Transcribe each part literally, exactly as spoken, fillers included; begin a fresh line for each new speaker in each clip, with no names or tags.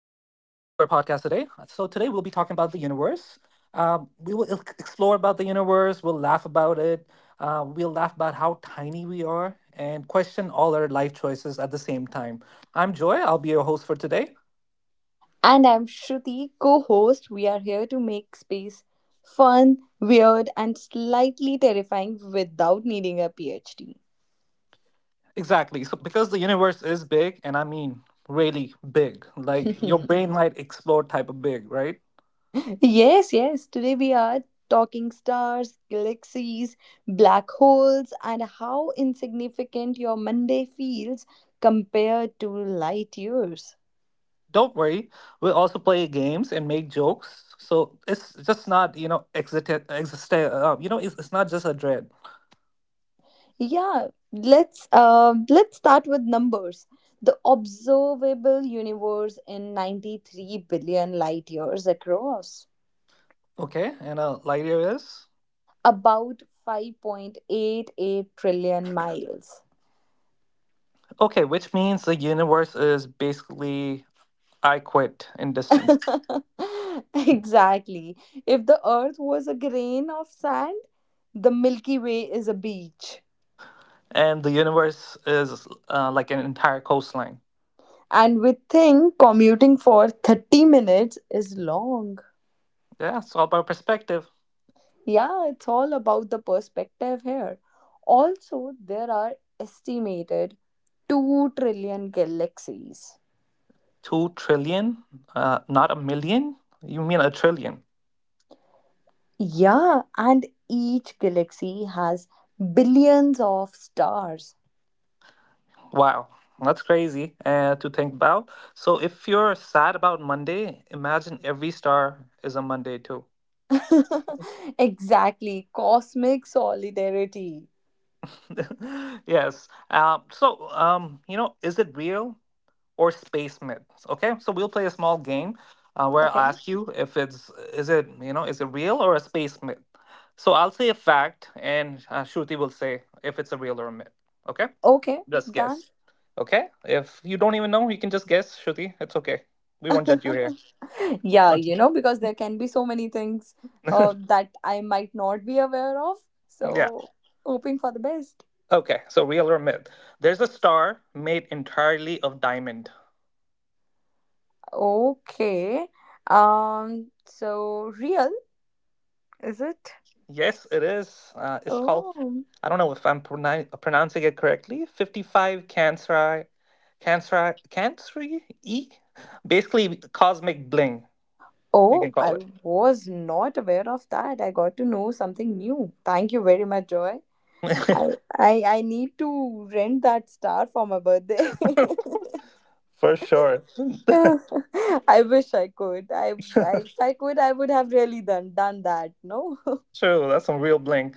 podcast today. Uh, So today we'll be talking about the universe. Um, we will ex- explore about the universe. We'll laugh about it. Uh, we'll laugh about how tiny we are and question all our life choices at the same time. I'm Joy. I'll be your host for today.
And I'm Shruti, co host. We are here to make space fun, weird, and slightly terrifying without needing a PhD.
Exactly. So because the universe is big, and I mean really big, like your brain might explode type of big, right?
Yes, yes. Today we are talking stars, galaxies, black holes, and how insignificant your Monday feels compared to light years.
Don't worry, we'll also play games and make jokes so it's just not you know exit exist uh, you know it's, it's not just a dread.
Yeah, let's uh, let's start with numbers. The observable universe in ninety-three billion light years across,
Okay, and a lighter is
about five point eight eight trillion miles.
okay, which means the universe is basically I quit in distance.
Exactly. If the earth was a grain of sand, the Milky Way is a beach.
And the universe is uh, like an entire coastline.
And we think commuting for thirty minutes is long.
Yeah, it's all about perspective.
Yeah, it's all about the perspective here. Also, there are estimated two trillion galaxies.
Two trillion, uh, not a million, you mean a trillion.
Yeah, and each galaxy has billions of stars.
Wow, that's crazy uh, to think about. So, if you're sad about Monday, imagine every star is a Monday too.
Exactly, cosmic solidarity.
Yes. Um, so, um, you know, is it real or space myths? Okay, so we'll play a small game uh, where I'll
Okay.
ask you if it's, is it, you know, is it real or a space myth? So, I'll say a fact and uh, Shruti will say if it's a real or a myth. Okay,
Okay,
just
done.
guess. Okay, if you don't even know, you can just guess, Shruti. It's okay. We won't judge you here.
Yeah,
Okay.
you know, because there can be so many things uh, that I might not be aware of.
Yeah.
So, hoping for the best.
Okay. So real or myth? There's a star made entirely of diamond.
Okay. Um, so real, is it?
Yes, it is. Uh, it's called—
Oh.
I don't know if I'm pronoun- pronouncing it correctly. Fifty-five Canceri, Canceri, Cancri E. Basically, cosmic bling. You
Oh,
can call
I
it,
was not aware of that. I got to know something new. Thank you very much, Joy. I I, I need to rent that star for my birthday.
for sure.
I wish I could. I, I if I could, I would have really done done that. No.
True. That's some real bling.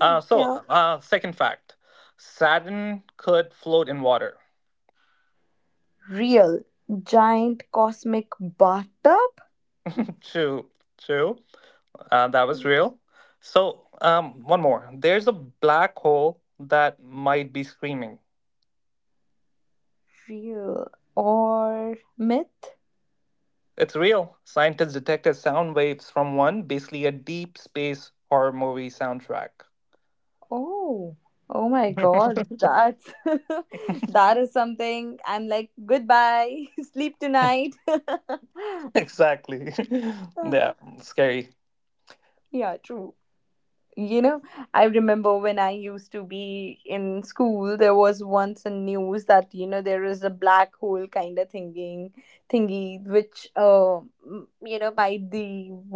Uh, so,
Yeah.
uh, second fact: Saturn could float in water.
Real giant cosmic bathtub.
True. True. Uh, that was real. So, um, one more. There's a black hole that might be screaming.
Real or myth?
It's real. Scientists detected sound waves from one, basically a deep space horror movie soundtrack.
Oh, oh my God, that that is something. I'm like, goodbye, sleep tonight.
Exactly. Yeah, scary.
Yeah, true. you know I remember when I used to be in school, there was once a news that you know there is a black hole kind of thinking thingy which uh, m- you know by the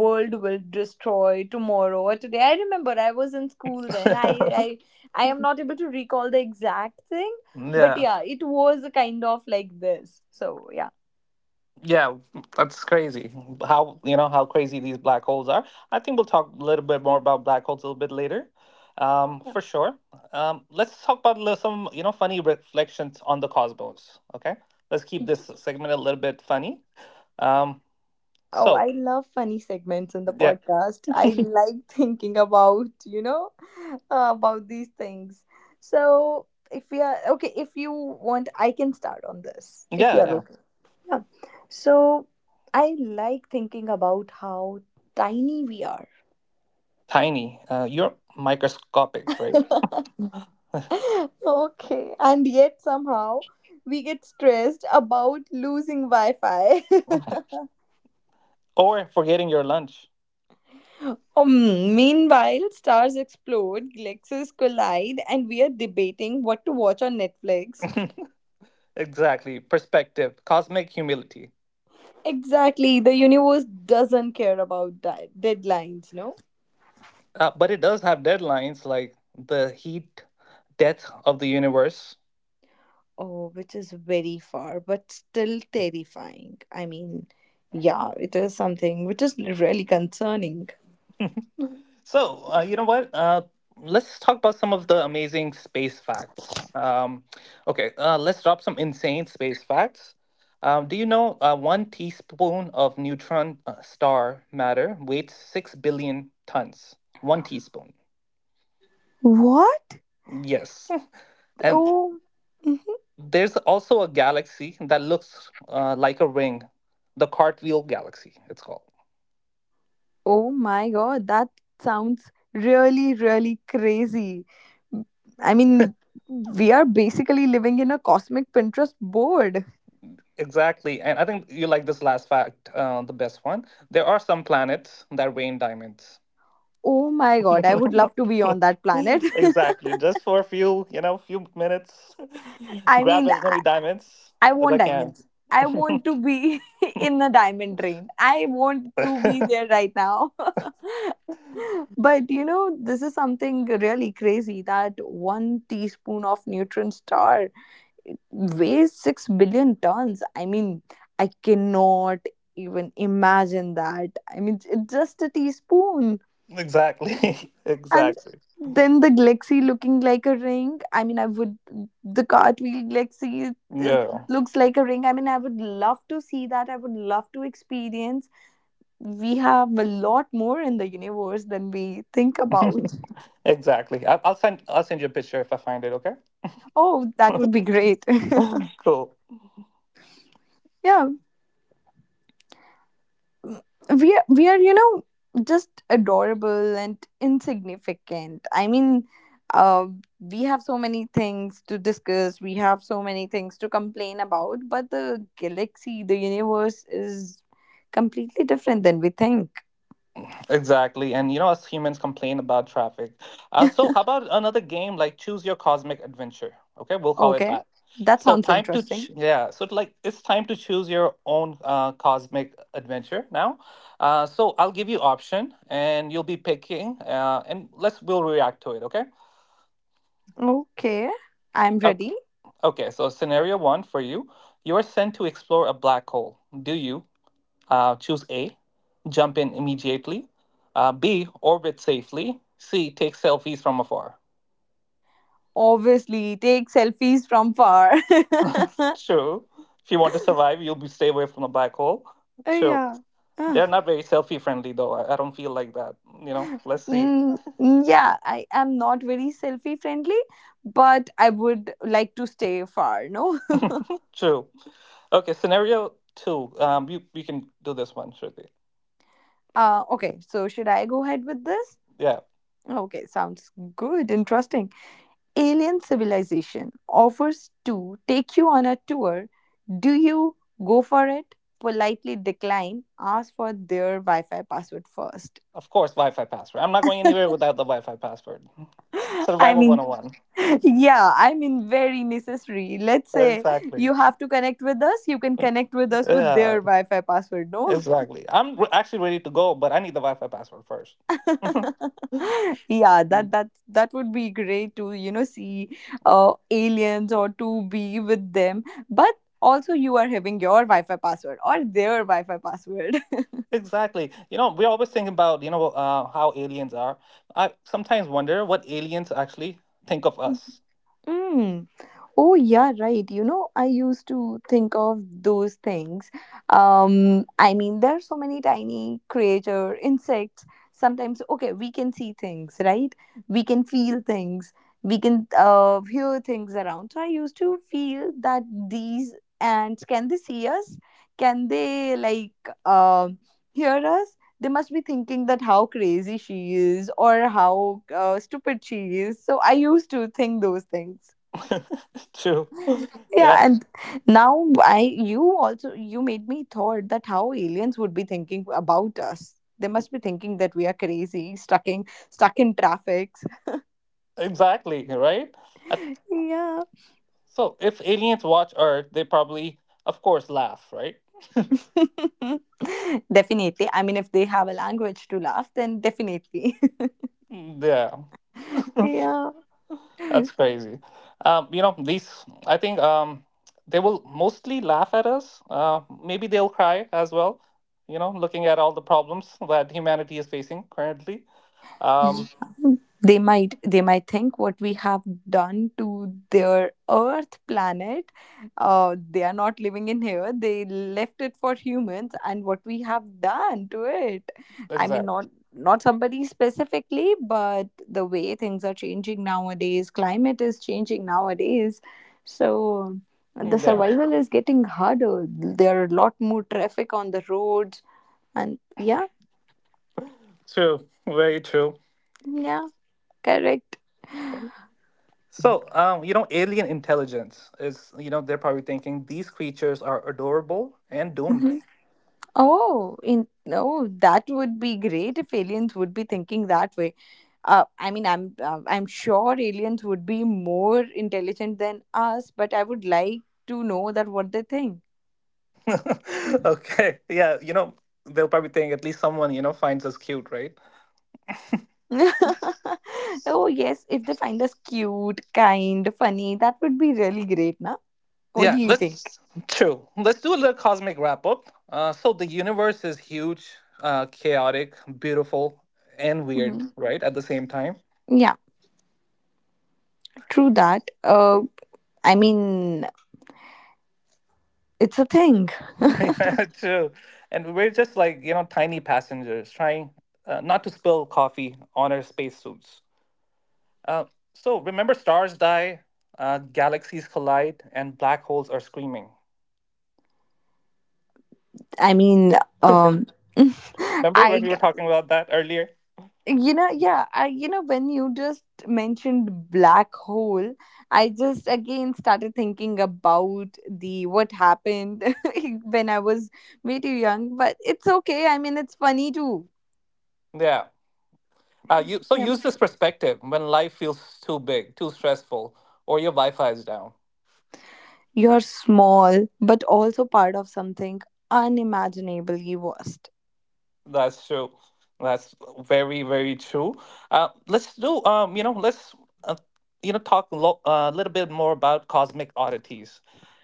world will destroy tomorrow or today. I remember I was in school then, i i i am not able to recall the exact thing, but
Yeah.
yeah, it was a kind of like this. So yeah,
Yeah, that's crazy. How, you know, how crazy these black holes are? I think we'll talk a little bit more about black holes a little bit later, um,
yeah.
for sure. Um, let's talk about li- some, you know, funny reflections on the cosmos. Okay, let's keep this segment a little bit funny. Um,
Oh,
so
I love funny segments in the
yeah,
podcast. I like thinking about, you know, uh, about these things. So, if we are okay, if you want, I can start on this. If you
yeah,
are
yeah.
okay. Yeah. So, I like thinking about how tiny we are.
Tiny, uh, you're microscopic, right?
Okay. And yet, somehow, we get stressed about losing Wi Fi.
Or forgetting your lunch.
Um, meanwhile, stars explode, galaxies collide, and we are debating what to watch on Netflix.
Exactly. Perspective, cosmic humility.
Exactly, the universe doesn't care about di- deadlines, no?
Uh, but it does have deadlines like the heat death of the universe.
Oh, which is very far, but still terrifying. I mean, yeah, it is something which is really concerning.
So, uh, you know what? Uh, let's talk about some of the amazing space facts. Um, okay, uh, let's drop some insane space facts. Um, do you know uh, one teaspoon of neutron uh, star matter weighs six billion tons? One teaspoon.
What?
Yes. And
Oh.
there's also a galaxy that looks uh, like a ring, the Cartwheel Galaxy, it's called.
Oh my god, that sounds really, really crazy. I mean, we are basically living in a cosmic Pinterest board.
Exactly. And I think you like this last fact, uh, the best one. There are some planets that rain diamonds.
Oh my god, I would love to be on that planet.
Exactly. Just for a few, you know, few minutes,
I
grab
mean,
as
I,
many diamonds
I
as
want
I can.
diamonds. I want to be in the diamond rain. I want to be there right now. But you know, this is something really crazy, that one teaspoon of neutron star weighs six billion tons. I mean, I cannot even imagine that. I mean, it's just a teaspoon.
Exactly.
And
Exactly.
then the Glexi looking like a ring. I mean, I would, the cartwheel Glexi is,
Yeah.
looks like a ring. I mean, I would love to see that. I would love to experience. We have a lot more in the universe than we think about.
Exactly. I- I'll send. I'll send you a picture if I find it. Okay.
Oh, that would be great.
Cool.
Yeah, we are, we are you know just adorable and insignificant. I mean, uh, we have so many things to discuss, we have so many things to complain about, but the galaxy, the universe, is completely different than we think.
Exactly. And you know, us humans complain about traffic. Uh, so, how about another game like Choose Your Cosmic Adventure? Okay, we'll call it
Okay,
that.
that
So,
sounds
time to,
interesting.
ch- yeah, so like it's time to choose your own uh, cosmic adventure now. Uh, so, I'll give you option and you'll be picking, uh, and let's, we'll react to it, okay?
Okay, I'm
Okay,
ready.
okay, so scenario one for you, you are sent to explore a black hole. Do you— Uh, choose A, jump in immediately. Uh, B, orbit safely. C, take selfies from afar.
Obviously take selfies from far.
True. If you want to survive, you'll be stay away from the black hole.
Uh,
True.
yeah.
They're not very selfie friendly though. I, I don't feel like that. You know. Let's see.
Mm, mm, yeah, I am not very selfie friendly, but I would like to stay far, no?
True. Okay. Scenario two. Um, you you can do this one, Shruti.
Uh, okay, so should I go ahead with this?
Yeah.
Okay, sounds good, interesting. Alien civilization offers to take you on a tour. Do you go for it? Politely decline, ask for their Wi Fi password first.
Of course, Wi-Fi password. I'm not going anywhere without the Wi-Fi password.
I
Survival
mean,
one oh one.
yeah, I mean very necessary. Let's say
Exactly.
you have to connect with us, you can connect with us with
Yeah.
their Wi-Fi password, no?
Exactly. I'm re- actually ready to go, but I need the Wi-Fi password first.
Yeah, that that that would be great to you know see uh, aliens or to be with them, but also you are having your Wi-Fi password or their Wi-Fi password.
Exactly. You know, we always think about, you know, uh, how aliens are. I sometimes wonder what aliens actually think of us.
Mm. Oh yeah, right. You know, I used to think of those things. Um, I mean, there are so many tiny creature insects. Sometimes, okay, we can see things, right? We can feel things. We can uh, hear things around. So I used to feel that these ants, can they see us? Can they like um hear us? They must be thinking that how crazy she is, or how uh, stupid she is. So I used to think those things.
True. Yeah,
Yeah, and now I you also you made me thought that how aliens would be thinking about us. They must be thinking that we are crazy, stuck in stuck in traffic.
exactly, right? Uh,
Yeah.
So if aliens watch Earth, they probably, of course, laugh, right?
Definitely. I mean, if they have a language to laugh, then definitely.
Mm. Yeah.
Yeah,
That's crazy. Um, you know, these, I think um, they will mostly laugh at us. Uh, maybe they'll cry as well, you know, looking at all the problems that humanity is facing currently. Um,
they might, they might think what we have done to their earth planet. Uh, they are not living in here, they left it for humans and what we have done to it. I mean, not
exactly.
not somebody specifically, but the way things are changing nowadays, climate is changing nowadays, so the
Yeah.
survival is getting harder, there are a lot more traffic on the roads and yeah,
True. Very true.
yeah, correct.
So, um, you know, alien intelligence is, you know, they're probably thinking these creatures are adorable and doomed.
Oh, in no, that would be great if aliens would be thinking that way. Uh, I mean, I'm uh, I'm sure aliens would be more intelligent than us, but I would like to know that what they think.
Okay. Yeah. You know, they'll probably think at least someone, you know, finds us cute, right?
Oh yes, if they find us cute, kind, funny, that would be really great, na? What do
Yeah,
you think?
let's true. Let's do a little cosmic wrap up. Uh, so the universe is huge, uh, chaotic, beautiful, and weird,
Hmm.
right? At the same time.
Yeah, true that. Uh, I mean, it's a thing.
Yeah, true. And we're just like, you know, tiny passengers trying uh, not to spill coffee on our spacesuits. Uh, so remember, stars die, uh, galaxies collide, and black holes are screaming.
I mean, um,
Remember when
I
we were talking about that earlier?
you know yeah, I, you know, when you just mentioned black hole, I just again started thinking about the what happened when I was way too young. But it's okay, I mean, it's funny too.
Yeah. Uh, you, so
Yeah.
use this perspective when life feels too big, too stressful, or your Wi-Fi is down.
You're small but also part of something unimaginably vast.
That's true. That's very, very true. Uh, let's do, um, you know, let's, uh, you know, talk a lo- uh, little bit more about cosmic oddities.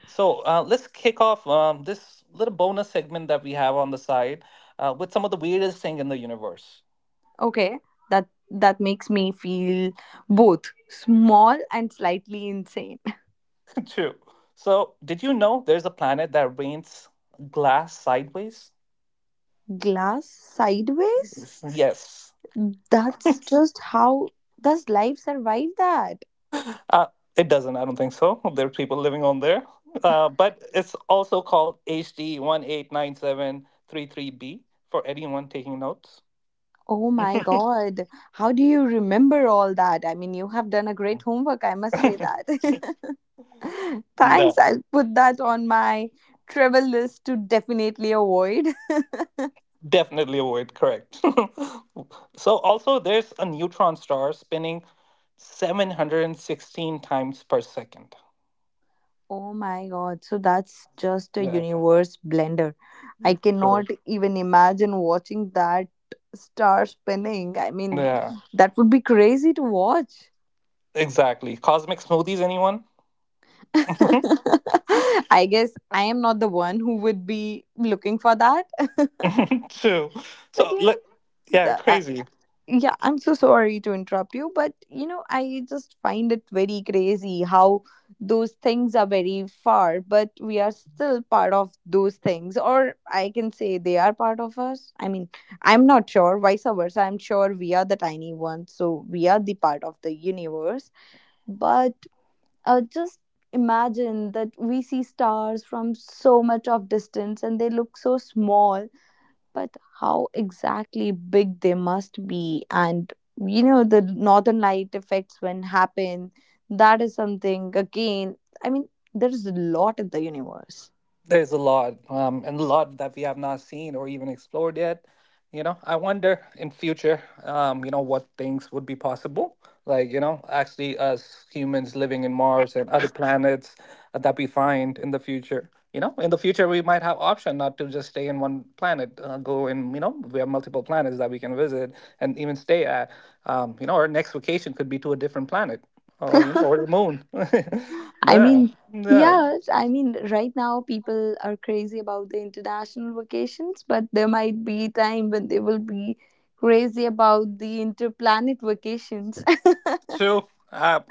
So uh, let's kick off um, this little bonus segment that we have on the side uh, with some of the weirdest thing in the universe.
Okay, that that makes me feel both small and slightly insane.
True. So did you know there's a planet that rains glass sideways?
Glass sideways.
Yes. Yes.
That's just how, does life survive that?
Uh, it doesn't. I don't think so. There are people living on there. Uh, but it's also called H D one eight nine seven three three B for anyone taking notes.
Oh my God. How do you remember all that? I mean, you have done a great homework, I must say that. Thanks.
No,
I'll put that on my travel list to definitely avoid.
definitely avoid. Correct. So also there's a neutron star spinning seven hundred sixteen times per second.
Oh my God. So that's just a
Yeah,
universe blender. I
true.
cannot even imagine watching that star spinning. I mean,
Yeah,
that would be crazy to watch.
exactly. Cosmic smoothies, anyone?
I guess I am not the one who would be looking for that. But
True. So,
you
le-
know,
yeah,
the, uh,
crazy.
yeah, I'm so sorry to interrupt you, but you know, I just find it very crazy how those things are very far, but we are still part of those things, or I can say they are part of us. I mean, I'm not sure, vice versa. I'm sure we are the tiny ones, so we are the part of the universe. But uh, just imagine that we see stars from so much of distance and they look so small, but how exactly big they must be. And you know the northern light effects when happen, that is something again. I mean, there's a lot in the universe.
There's a lot, um, and a lot that we have not seen or even explored yet. You know, I wonder in future, um, you know, what things would be possible. Like, you know, actually us humans living in Mars and other planets uh, that we find in the future. You know, in the future we might have option not to just stay in one planet, uh, go in, you know, we have multiple planets that we can visit and even stay at. Um, you know, our next vacation could be to a different planet or, you know, or the moon.
I
Yeah.
mean,
Yeah.
yeah, I mean, right now people are crazy about the international vacations, but there might be a time when they will be crazy about the interplanet vacations.
True. I,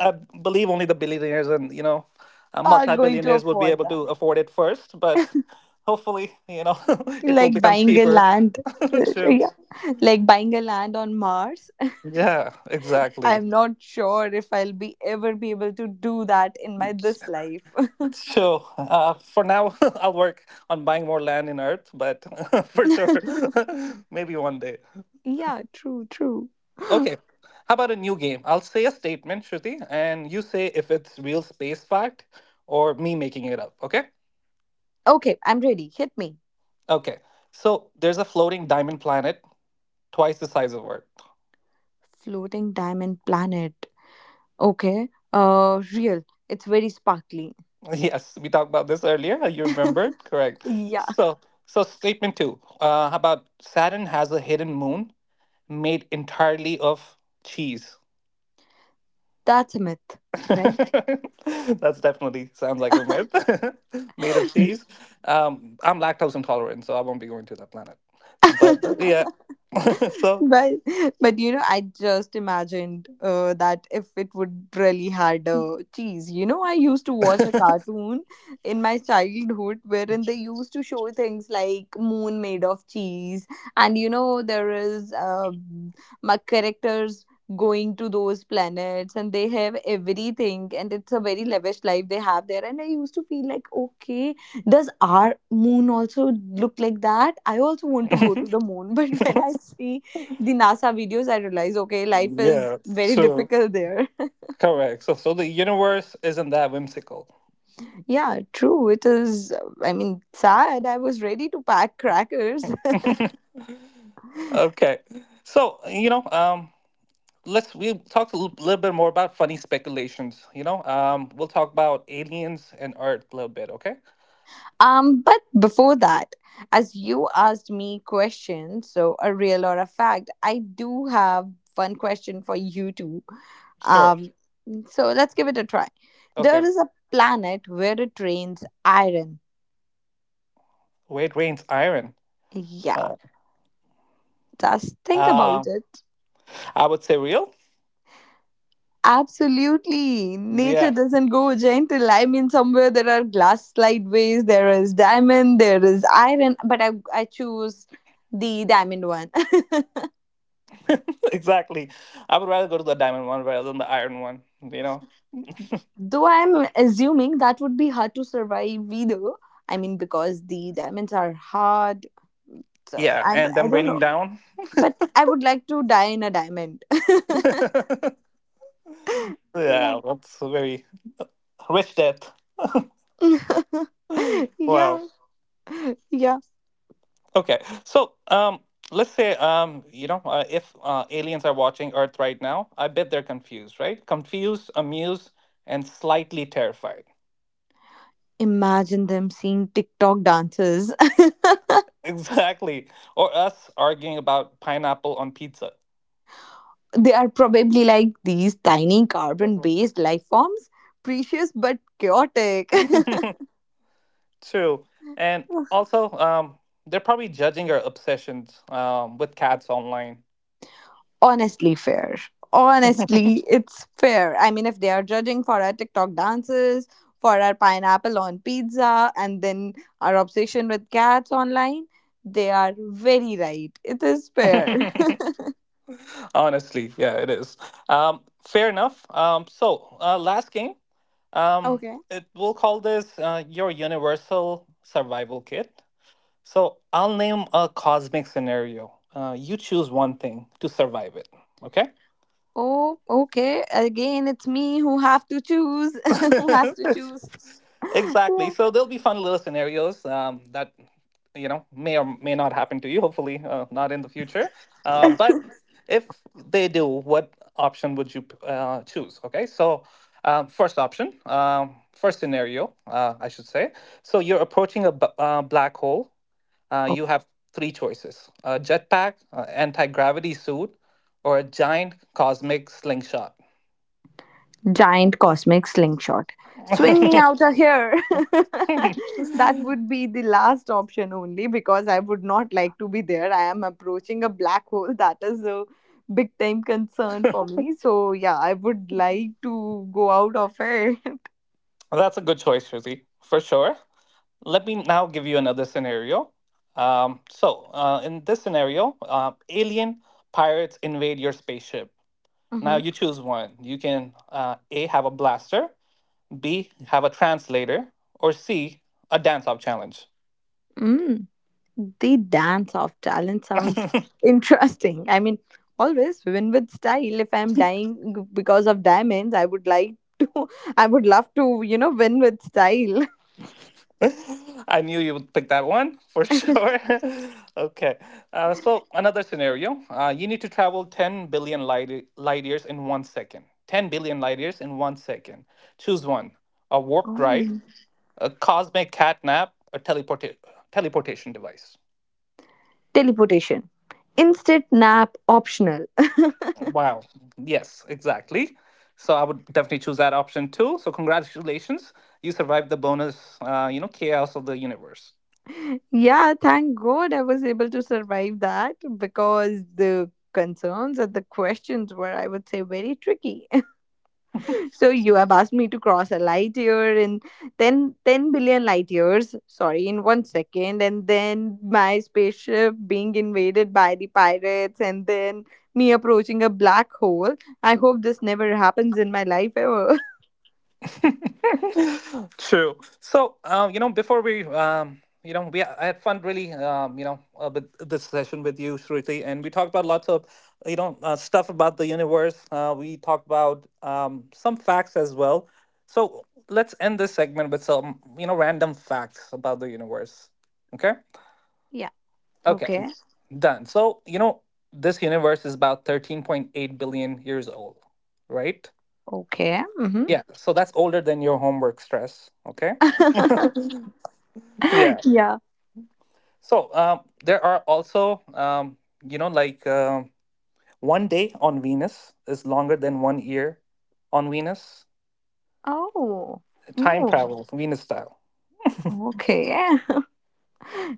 I believe only the billionaires and, you know, uh,
Are going to
multi-billionaires would be
afford
able to
that.
afford it first, but hopefully, you know, it will
Like
become
buying a
cheaper.
land.
True.
Yeah. Like buying a land on Mars.
Yeah, exactly.
I'm not sure if I'll be ever be able to do that in my this life.
So, uh, for now, I'll work on buying more land in Earth, but for sure, maybe one day.
Yeah, true, true.
Okay. How about a new game? I'll say a statement, Shruti, and you say if it's real space fact or me making it up, okay?
Okay, I'm ready. Hit me.
Okay. So, there's a floating diamond planet twice the size of Earth.
Floating diamond planet. Okay. Uh, real. It's very sparkly.
Yes, we talked about this earlier. uh, You remember? Correct.
Yeah,
So, so statement two uh, about Saturn has a hidden moon made entirely of cheese.
that's a myth, right?
That's definitely sounds like a myth. Made of cheese. Um, I'm lactose intolerant, so I won't be going to that planet. But uh, yeah, so
But but you know, I just imagined uh, that if it would really had a cheese. You know, I used to watch a cartoon in my childhood wherein they used to show things like moon made of cheese, and you know there is uh, my characters going to those planets, and they have everything, and it's a very lavish life they have there. And I used to feel like okay, does our moon also look like that? I also want to go to the moon. But when I see the NASA videos, I realized, okay, life is
yeah,
very
true,
difficult there.
correct. So, so the universe isn't that whimsical.
Yeah, true. It is, uh, I mean, sad. I was ready to pack crackers.
Okay. So, you know, um, let's we talked a little, little bit more about funny speculations, you know. Um, we'll talk about aliens and art a little bit, okay?
Um, but before that, as you asked me questions, so a real or a fact, I do have one question for you too.
Sure.
Um, so let's give it a try. There
Okay.
is a planet where it rains iron.
Where it rains iron.
Yeah,
Uh,
just think
uh,
about it.
I would say real.
Absolutely. Nature
Yeah.
doesn't go gentle. I mean, somewhere there are glass slideways, there is diamond, there is iron, but I, I choose the diamond one.
Exactly. I would rather go to the diamond one rather than the iron one, you know.
Though I'm assuming that would be hard to survive either. I mean, because the diamonds are hard. So
Yeah,
I,
and
I
them
don't
raining
know.
down.
But I would like to die in a diamond. Yeah.
Yeah, that's a very rich death. Wow.
Yeah. Yeah.
Okay, so um, let's say um, you know uh, if uh, aliens are watching Earth right now, I bet they're confused, right? Confused, amused, and slightly terrified.
Imagine them seeing TikTok dances.
Exactly, or us arguing about pineapple on pizza.
They are probably like these tiny carbon based life forms, precious but chaotic.
True, and also um, they're probably judging our obsessions um, with cats online.
Honestly fair. Honestly, it's fair. I mean, if they are judging for our TikTok dances, for our pineapple on pizza, and then our obsession with cats online, they are very right. It is fair.
Honestly, yeah, it is. Um, Fair enough. Um, so, uh, last game. Um,
Okay.
it we'll call this uh, your universal survival kit. So I'll name a cosmic scenario. Uh, you choose one thing to survive it. Okay.
oh, okay. Again, it's me who have to choose. who has to choose?
Exactly.
Yeah.
So there'll be fun little scenarios um, that you know may or may not happen to you. Hopefully, uh, not in the future. Uh, but if they do, what option would you uh, choose? Okay. So um, first option, um, first scenario, uh, I should say. So you're approaching a b- uh, black hole. Uh, you have three choices: a jetpack, uh, anti-gravity suit, or a giant cosmic slingshot.
Giant cosmic slingshot. Swing me out of here. that would be the last option only because I would not like to be there. I am approaching a black hole. That is a big time concern for me. So, yeah, I would like to go out of it.
That's a good choice, Shruti, for sure. Let me now give you another scenario. Um, so, uh, in this scenario, uh, alien pirates invade your spaceship. Now,
Mhm.
you choose one. You can uh, A, have a blaster, B, have a translator, or C, a dance off challenge.
Mm. The dance of talent sounds interesting. I mean, always win with style. If I'm dying g- because of diamonds, I would like to, I would love to, you know, win with style.
I knew you would pick that one for sure. Okay. Uh, so, another scenario uh, you need to travel ten billion light, light years in one second. ten billion light years in one second. Choose one a warp drive,
Oh.
a cosmic catnap, a teleporta- teleportation device.
teleportation. instant nap optional.
Wow. Yes, exactly. So I would definitely choose that option too. So congratulations, you survived the bonus, uh, you know, chaos of the universe.
yeah, thank God I was able to survive that because the concerns and the questions were, I would say, very tricky. so you have asked me to cross a light year in ten ten billion light years, sorry, in one second, and then my spaceship being invaded by the pirates, and then me approaching a black hole. I hope this never happens in my life ever.
True. So, uh, you know, before we, um, you know, we I had fun really, um, you know, uh, with this session with you, Shruti, and we talked about lots of, you know, uh, stuff about the universe. Uh, we talked about um, some facts as well. So let's end this segment with some, you know, random facts about the universe. Okay.
Yeah.
Okay.
Okay.
Done. So, you know, this universe is about thirteen point eight billion years old, right?
Okay. Mm-hmm.
Yeah, so that's older than your homework stress. Okay. Yeah.
Yeah.
So um, there are also, um, you know, like um one day on Venus is longer than one year on Venus.
Oh.
Time
Oh.
travel, Venus style.
Okay.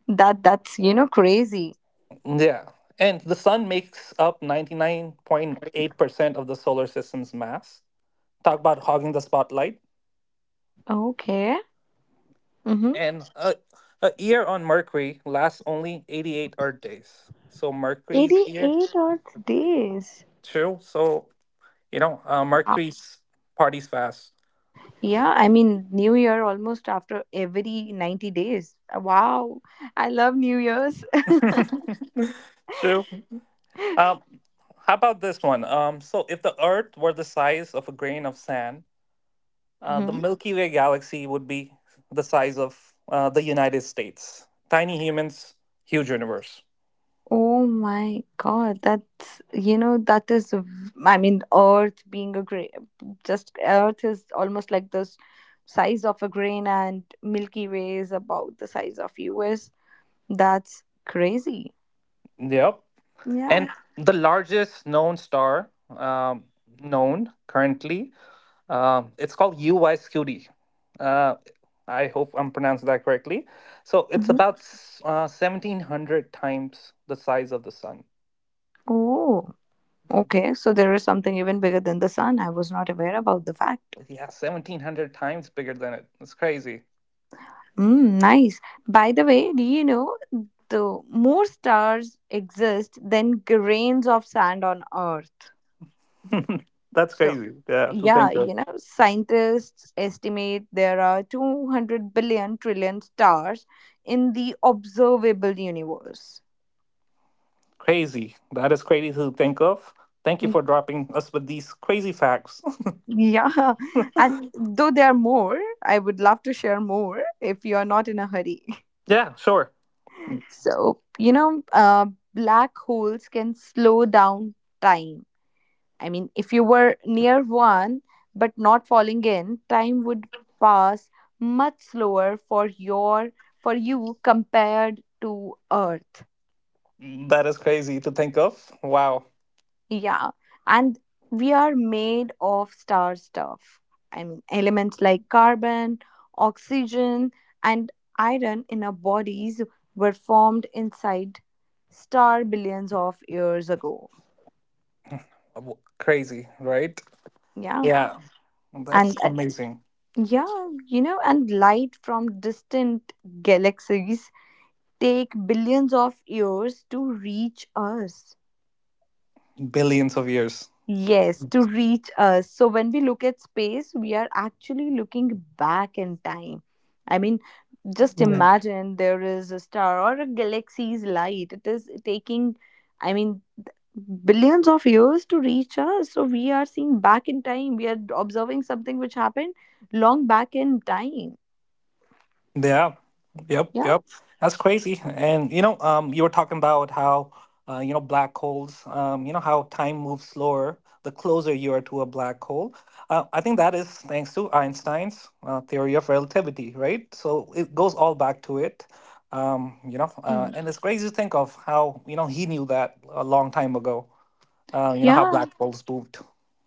That that's you know crazy.
Yeah. And the sun makes up ninety-nine point eight percent of the solar system's mass. Talk about hogging the spotlight.
Okay. Mm-hmm.
And a, a year on Mercury lasts only eighty-eight Earth days. So Mercury's year.
Eighty-eight Earth
Okay,
days.
true. So you know, uh,
Wow.
Mercury's parties fast.
Yeah, I mean New Year almost after every ninety days. Wow, I love New Year's.
True. Um, how about this one? Um, so, if the Earth were the size of a grain of sand, uh, the
Mhm.
Milky Way galaxy would be the size of uh, the United States. Tiny humans, huge universe.
Oh my God, that's you know that is. v- I mean, Earth being a grain, just Earth is almost like this size of a grain, and Milky Way is about the size of U S. That's crazy.
Yep.
Yeah.
And the largest known star um, known currently Um, it's called U Y S Q D. Uh, I hope I'm pronouncing that correctly. So it's
Mhm.
about uh, seventeen hundred times the size of the sun.
Oh, okay. So there is something even bigger than the sun. I was not aware about the fact.
Yeah, seventeen hundred times bigger than it. It's crazy.
Mm, nice. By the way, do you know the more stars exist than grains of sand on Earth?
That's
So,
crazy. Yeah, to
yeah,
think of.
you know, scientists estimate there are two hundred billion trillion stars in the observable universe.
Crazy. That is crazy to think of. Thank you for dropping us with these crazy facts.
Yeah. And though there are more, I would love to share more if you are not in a hurry.
Yeah, sure.
So, you know, uh, black holes can slow down time. I mean, if you were near one but not falling in, time would pass much slower for your for you compared to Earth.
That is crazy to think of. Wow.
Yeah, and we are made of star stuff. I mean, elements like carbon, oxygen, and iron in our bodies were formed inside star billions of years ago.
W- Crazy, right?
Yeah,
Yeah, that's
and uh,
amazing.
yeah, you know, and light from distant galaxies take billions of years to reach us.
Billions of years.
Yes, to reach us. So when we look at space, we are actually looking back in time. I mean, just
Yeah.
imagine there is a star or a galaxy's light. It is taking, I mean, billions of years to reach us. So we are seeing back in time. We are observing something which happened long back in time.
Yeah. Yep.
Yeah.
Yep. That's crazy. And you know, um, you were talking about how, uh, you know, black holes. Um, you know how time moves slower the closer you are to a black hole. Uh, I think that is thanks to Einstein's uh, theory of relativity, right? So it goes all back to it. Um, you know, uh,
Hmm.
and it's crazy to think of how you know he knew that a long time ago. Uh, you know how
Yeah.
black holes moved.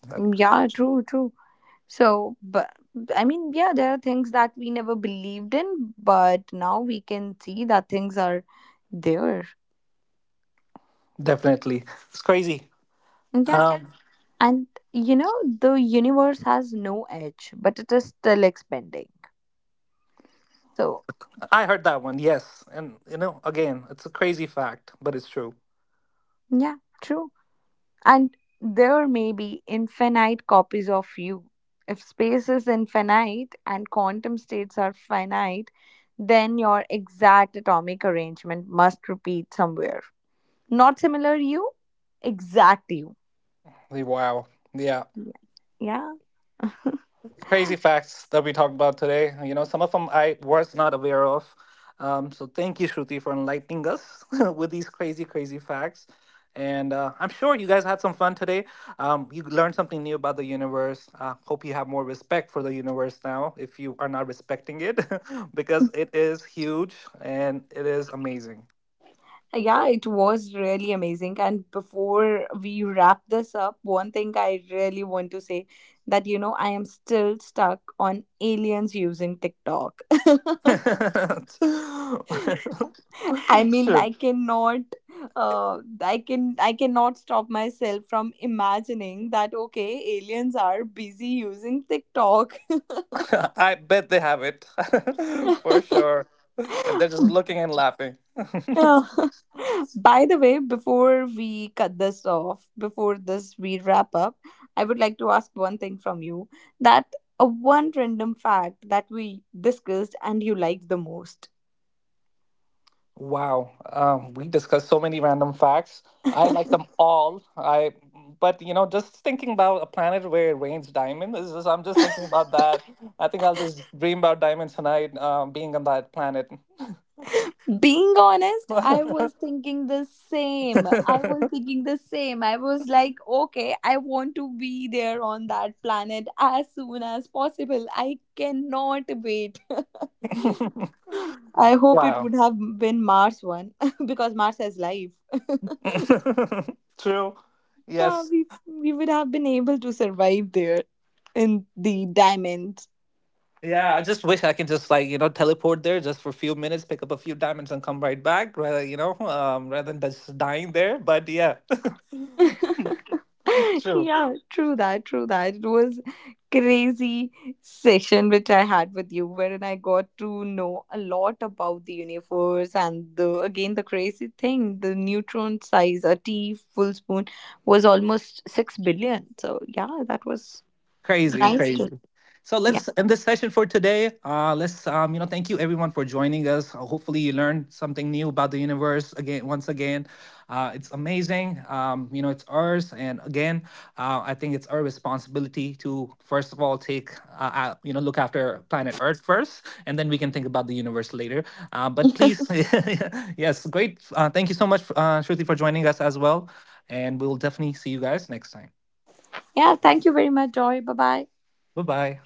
Uh,
Hmm. Yeah, true, true. So, but I mean, yeah, there are things that we never believed in, but now we can see that things are there.
Definitely, it's crazy.
Yeah.
Um,
And, you know, the universe has no edge, but it is still expanding. So,
I heard that one, yes. And, you know, again, it's a crazy fact, but it's true.
yeah, true. And there may be infinite copies of you. If space is infinite and quantum states are finite, then your exact atomic arrangement must repeat somewhere. Not similar you, exact you.
Like, wow. Yeah.
Yeah. Yeah,
Crazy facts that we talked about today. You know, some of them I was not aware of. Um, so thank you, Shruti, for enlightening us with these crazy, crazy facts. And uh, I'm sure you guys had some fun today. Um, you learned something new about the universe. Uh, hope you have more respect for the universe now if you are not respecting it, because it is huge and it is amazing.
Yeah, it was really amazing. And before we wrap this up, one thing I really want to say that, you know, I am still stuck on aliens using TikTok. I mean,
Sure.
I cannot, uh, I can, I cannot stop myself from imagining that, okay, aliens are busy using TikTok.
I bet they have it for sure. And they're just looking and laughing.
Oh. By the way, before we cut this off, before this we wrap up, I would like to ask one thing from you that uh, one random fact that we discussed and you liked the most.
Wow. Um, we discussed so many random facts. I like them all. I but you know, just thinking about a planet where it rains diamonds, is just, I'm just thinking about that. I think I'll just dream about diamonds tonight, um, being on that planet.
Being honest, I was thinking the same. I was thinking the same. I was like, okay, I want to be there on that planet as soon as possible. I cannot wait. I hope it
Wow.
would have been Mars one because Mars has life.
True.
yeah,
Yes.
we we would have been able to survive there in the diamonds.
Yeah, I just wish I could just like, you know, teleport there just for a few minutes, pick up a few diamonds and come right back, rather, you know, um, rather than just dying there. But yeah. True.
Yeah, true that, true that. It was crazy session which I had with you wherein I got to know a lot about the universe and the again the crazy thing, the neutron size, a tea full spoon was almost six billion. So yeah, that was
Crazy,
nice to
so
yeah.
let's end this session for today. Uh, let's, um, you know, thank you everyone for joining us. Uh, Hopefully, you learned something new about the universe again. Once again, uh, it's amazing. Um, you know, it's ours, and again, uh, I think it's our responsibility to first of all take, uh, uh, you know, look after planet Earth first, and then we can think about the universe later. Uh, but please, yes, great. Uh, thank you so much, uh, Shruti, for joining us as well, and we will definitely see you guys next time.
Yeah, thank you very much, Joy. Bye bye.
Bye bye.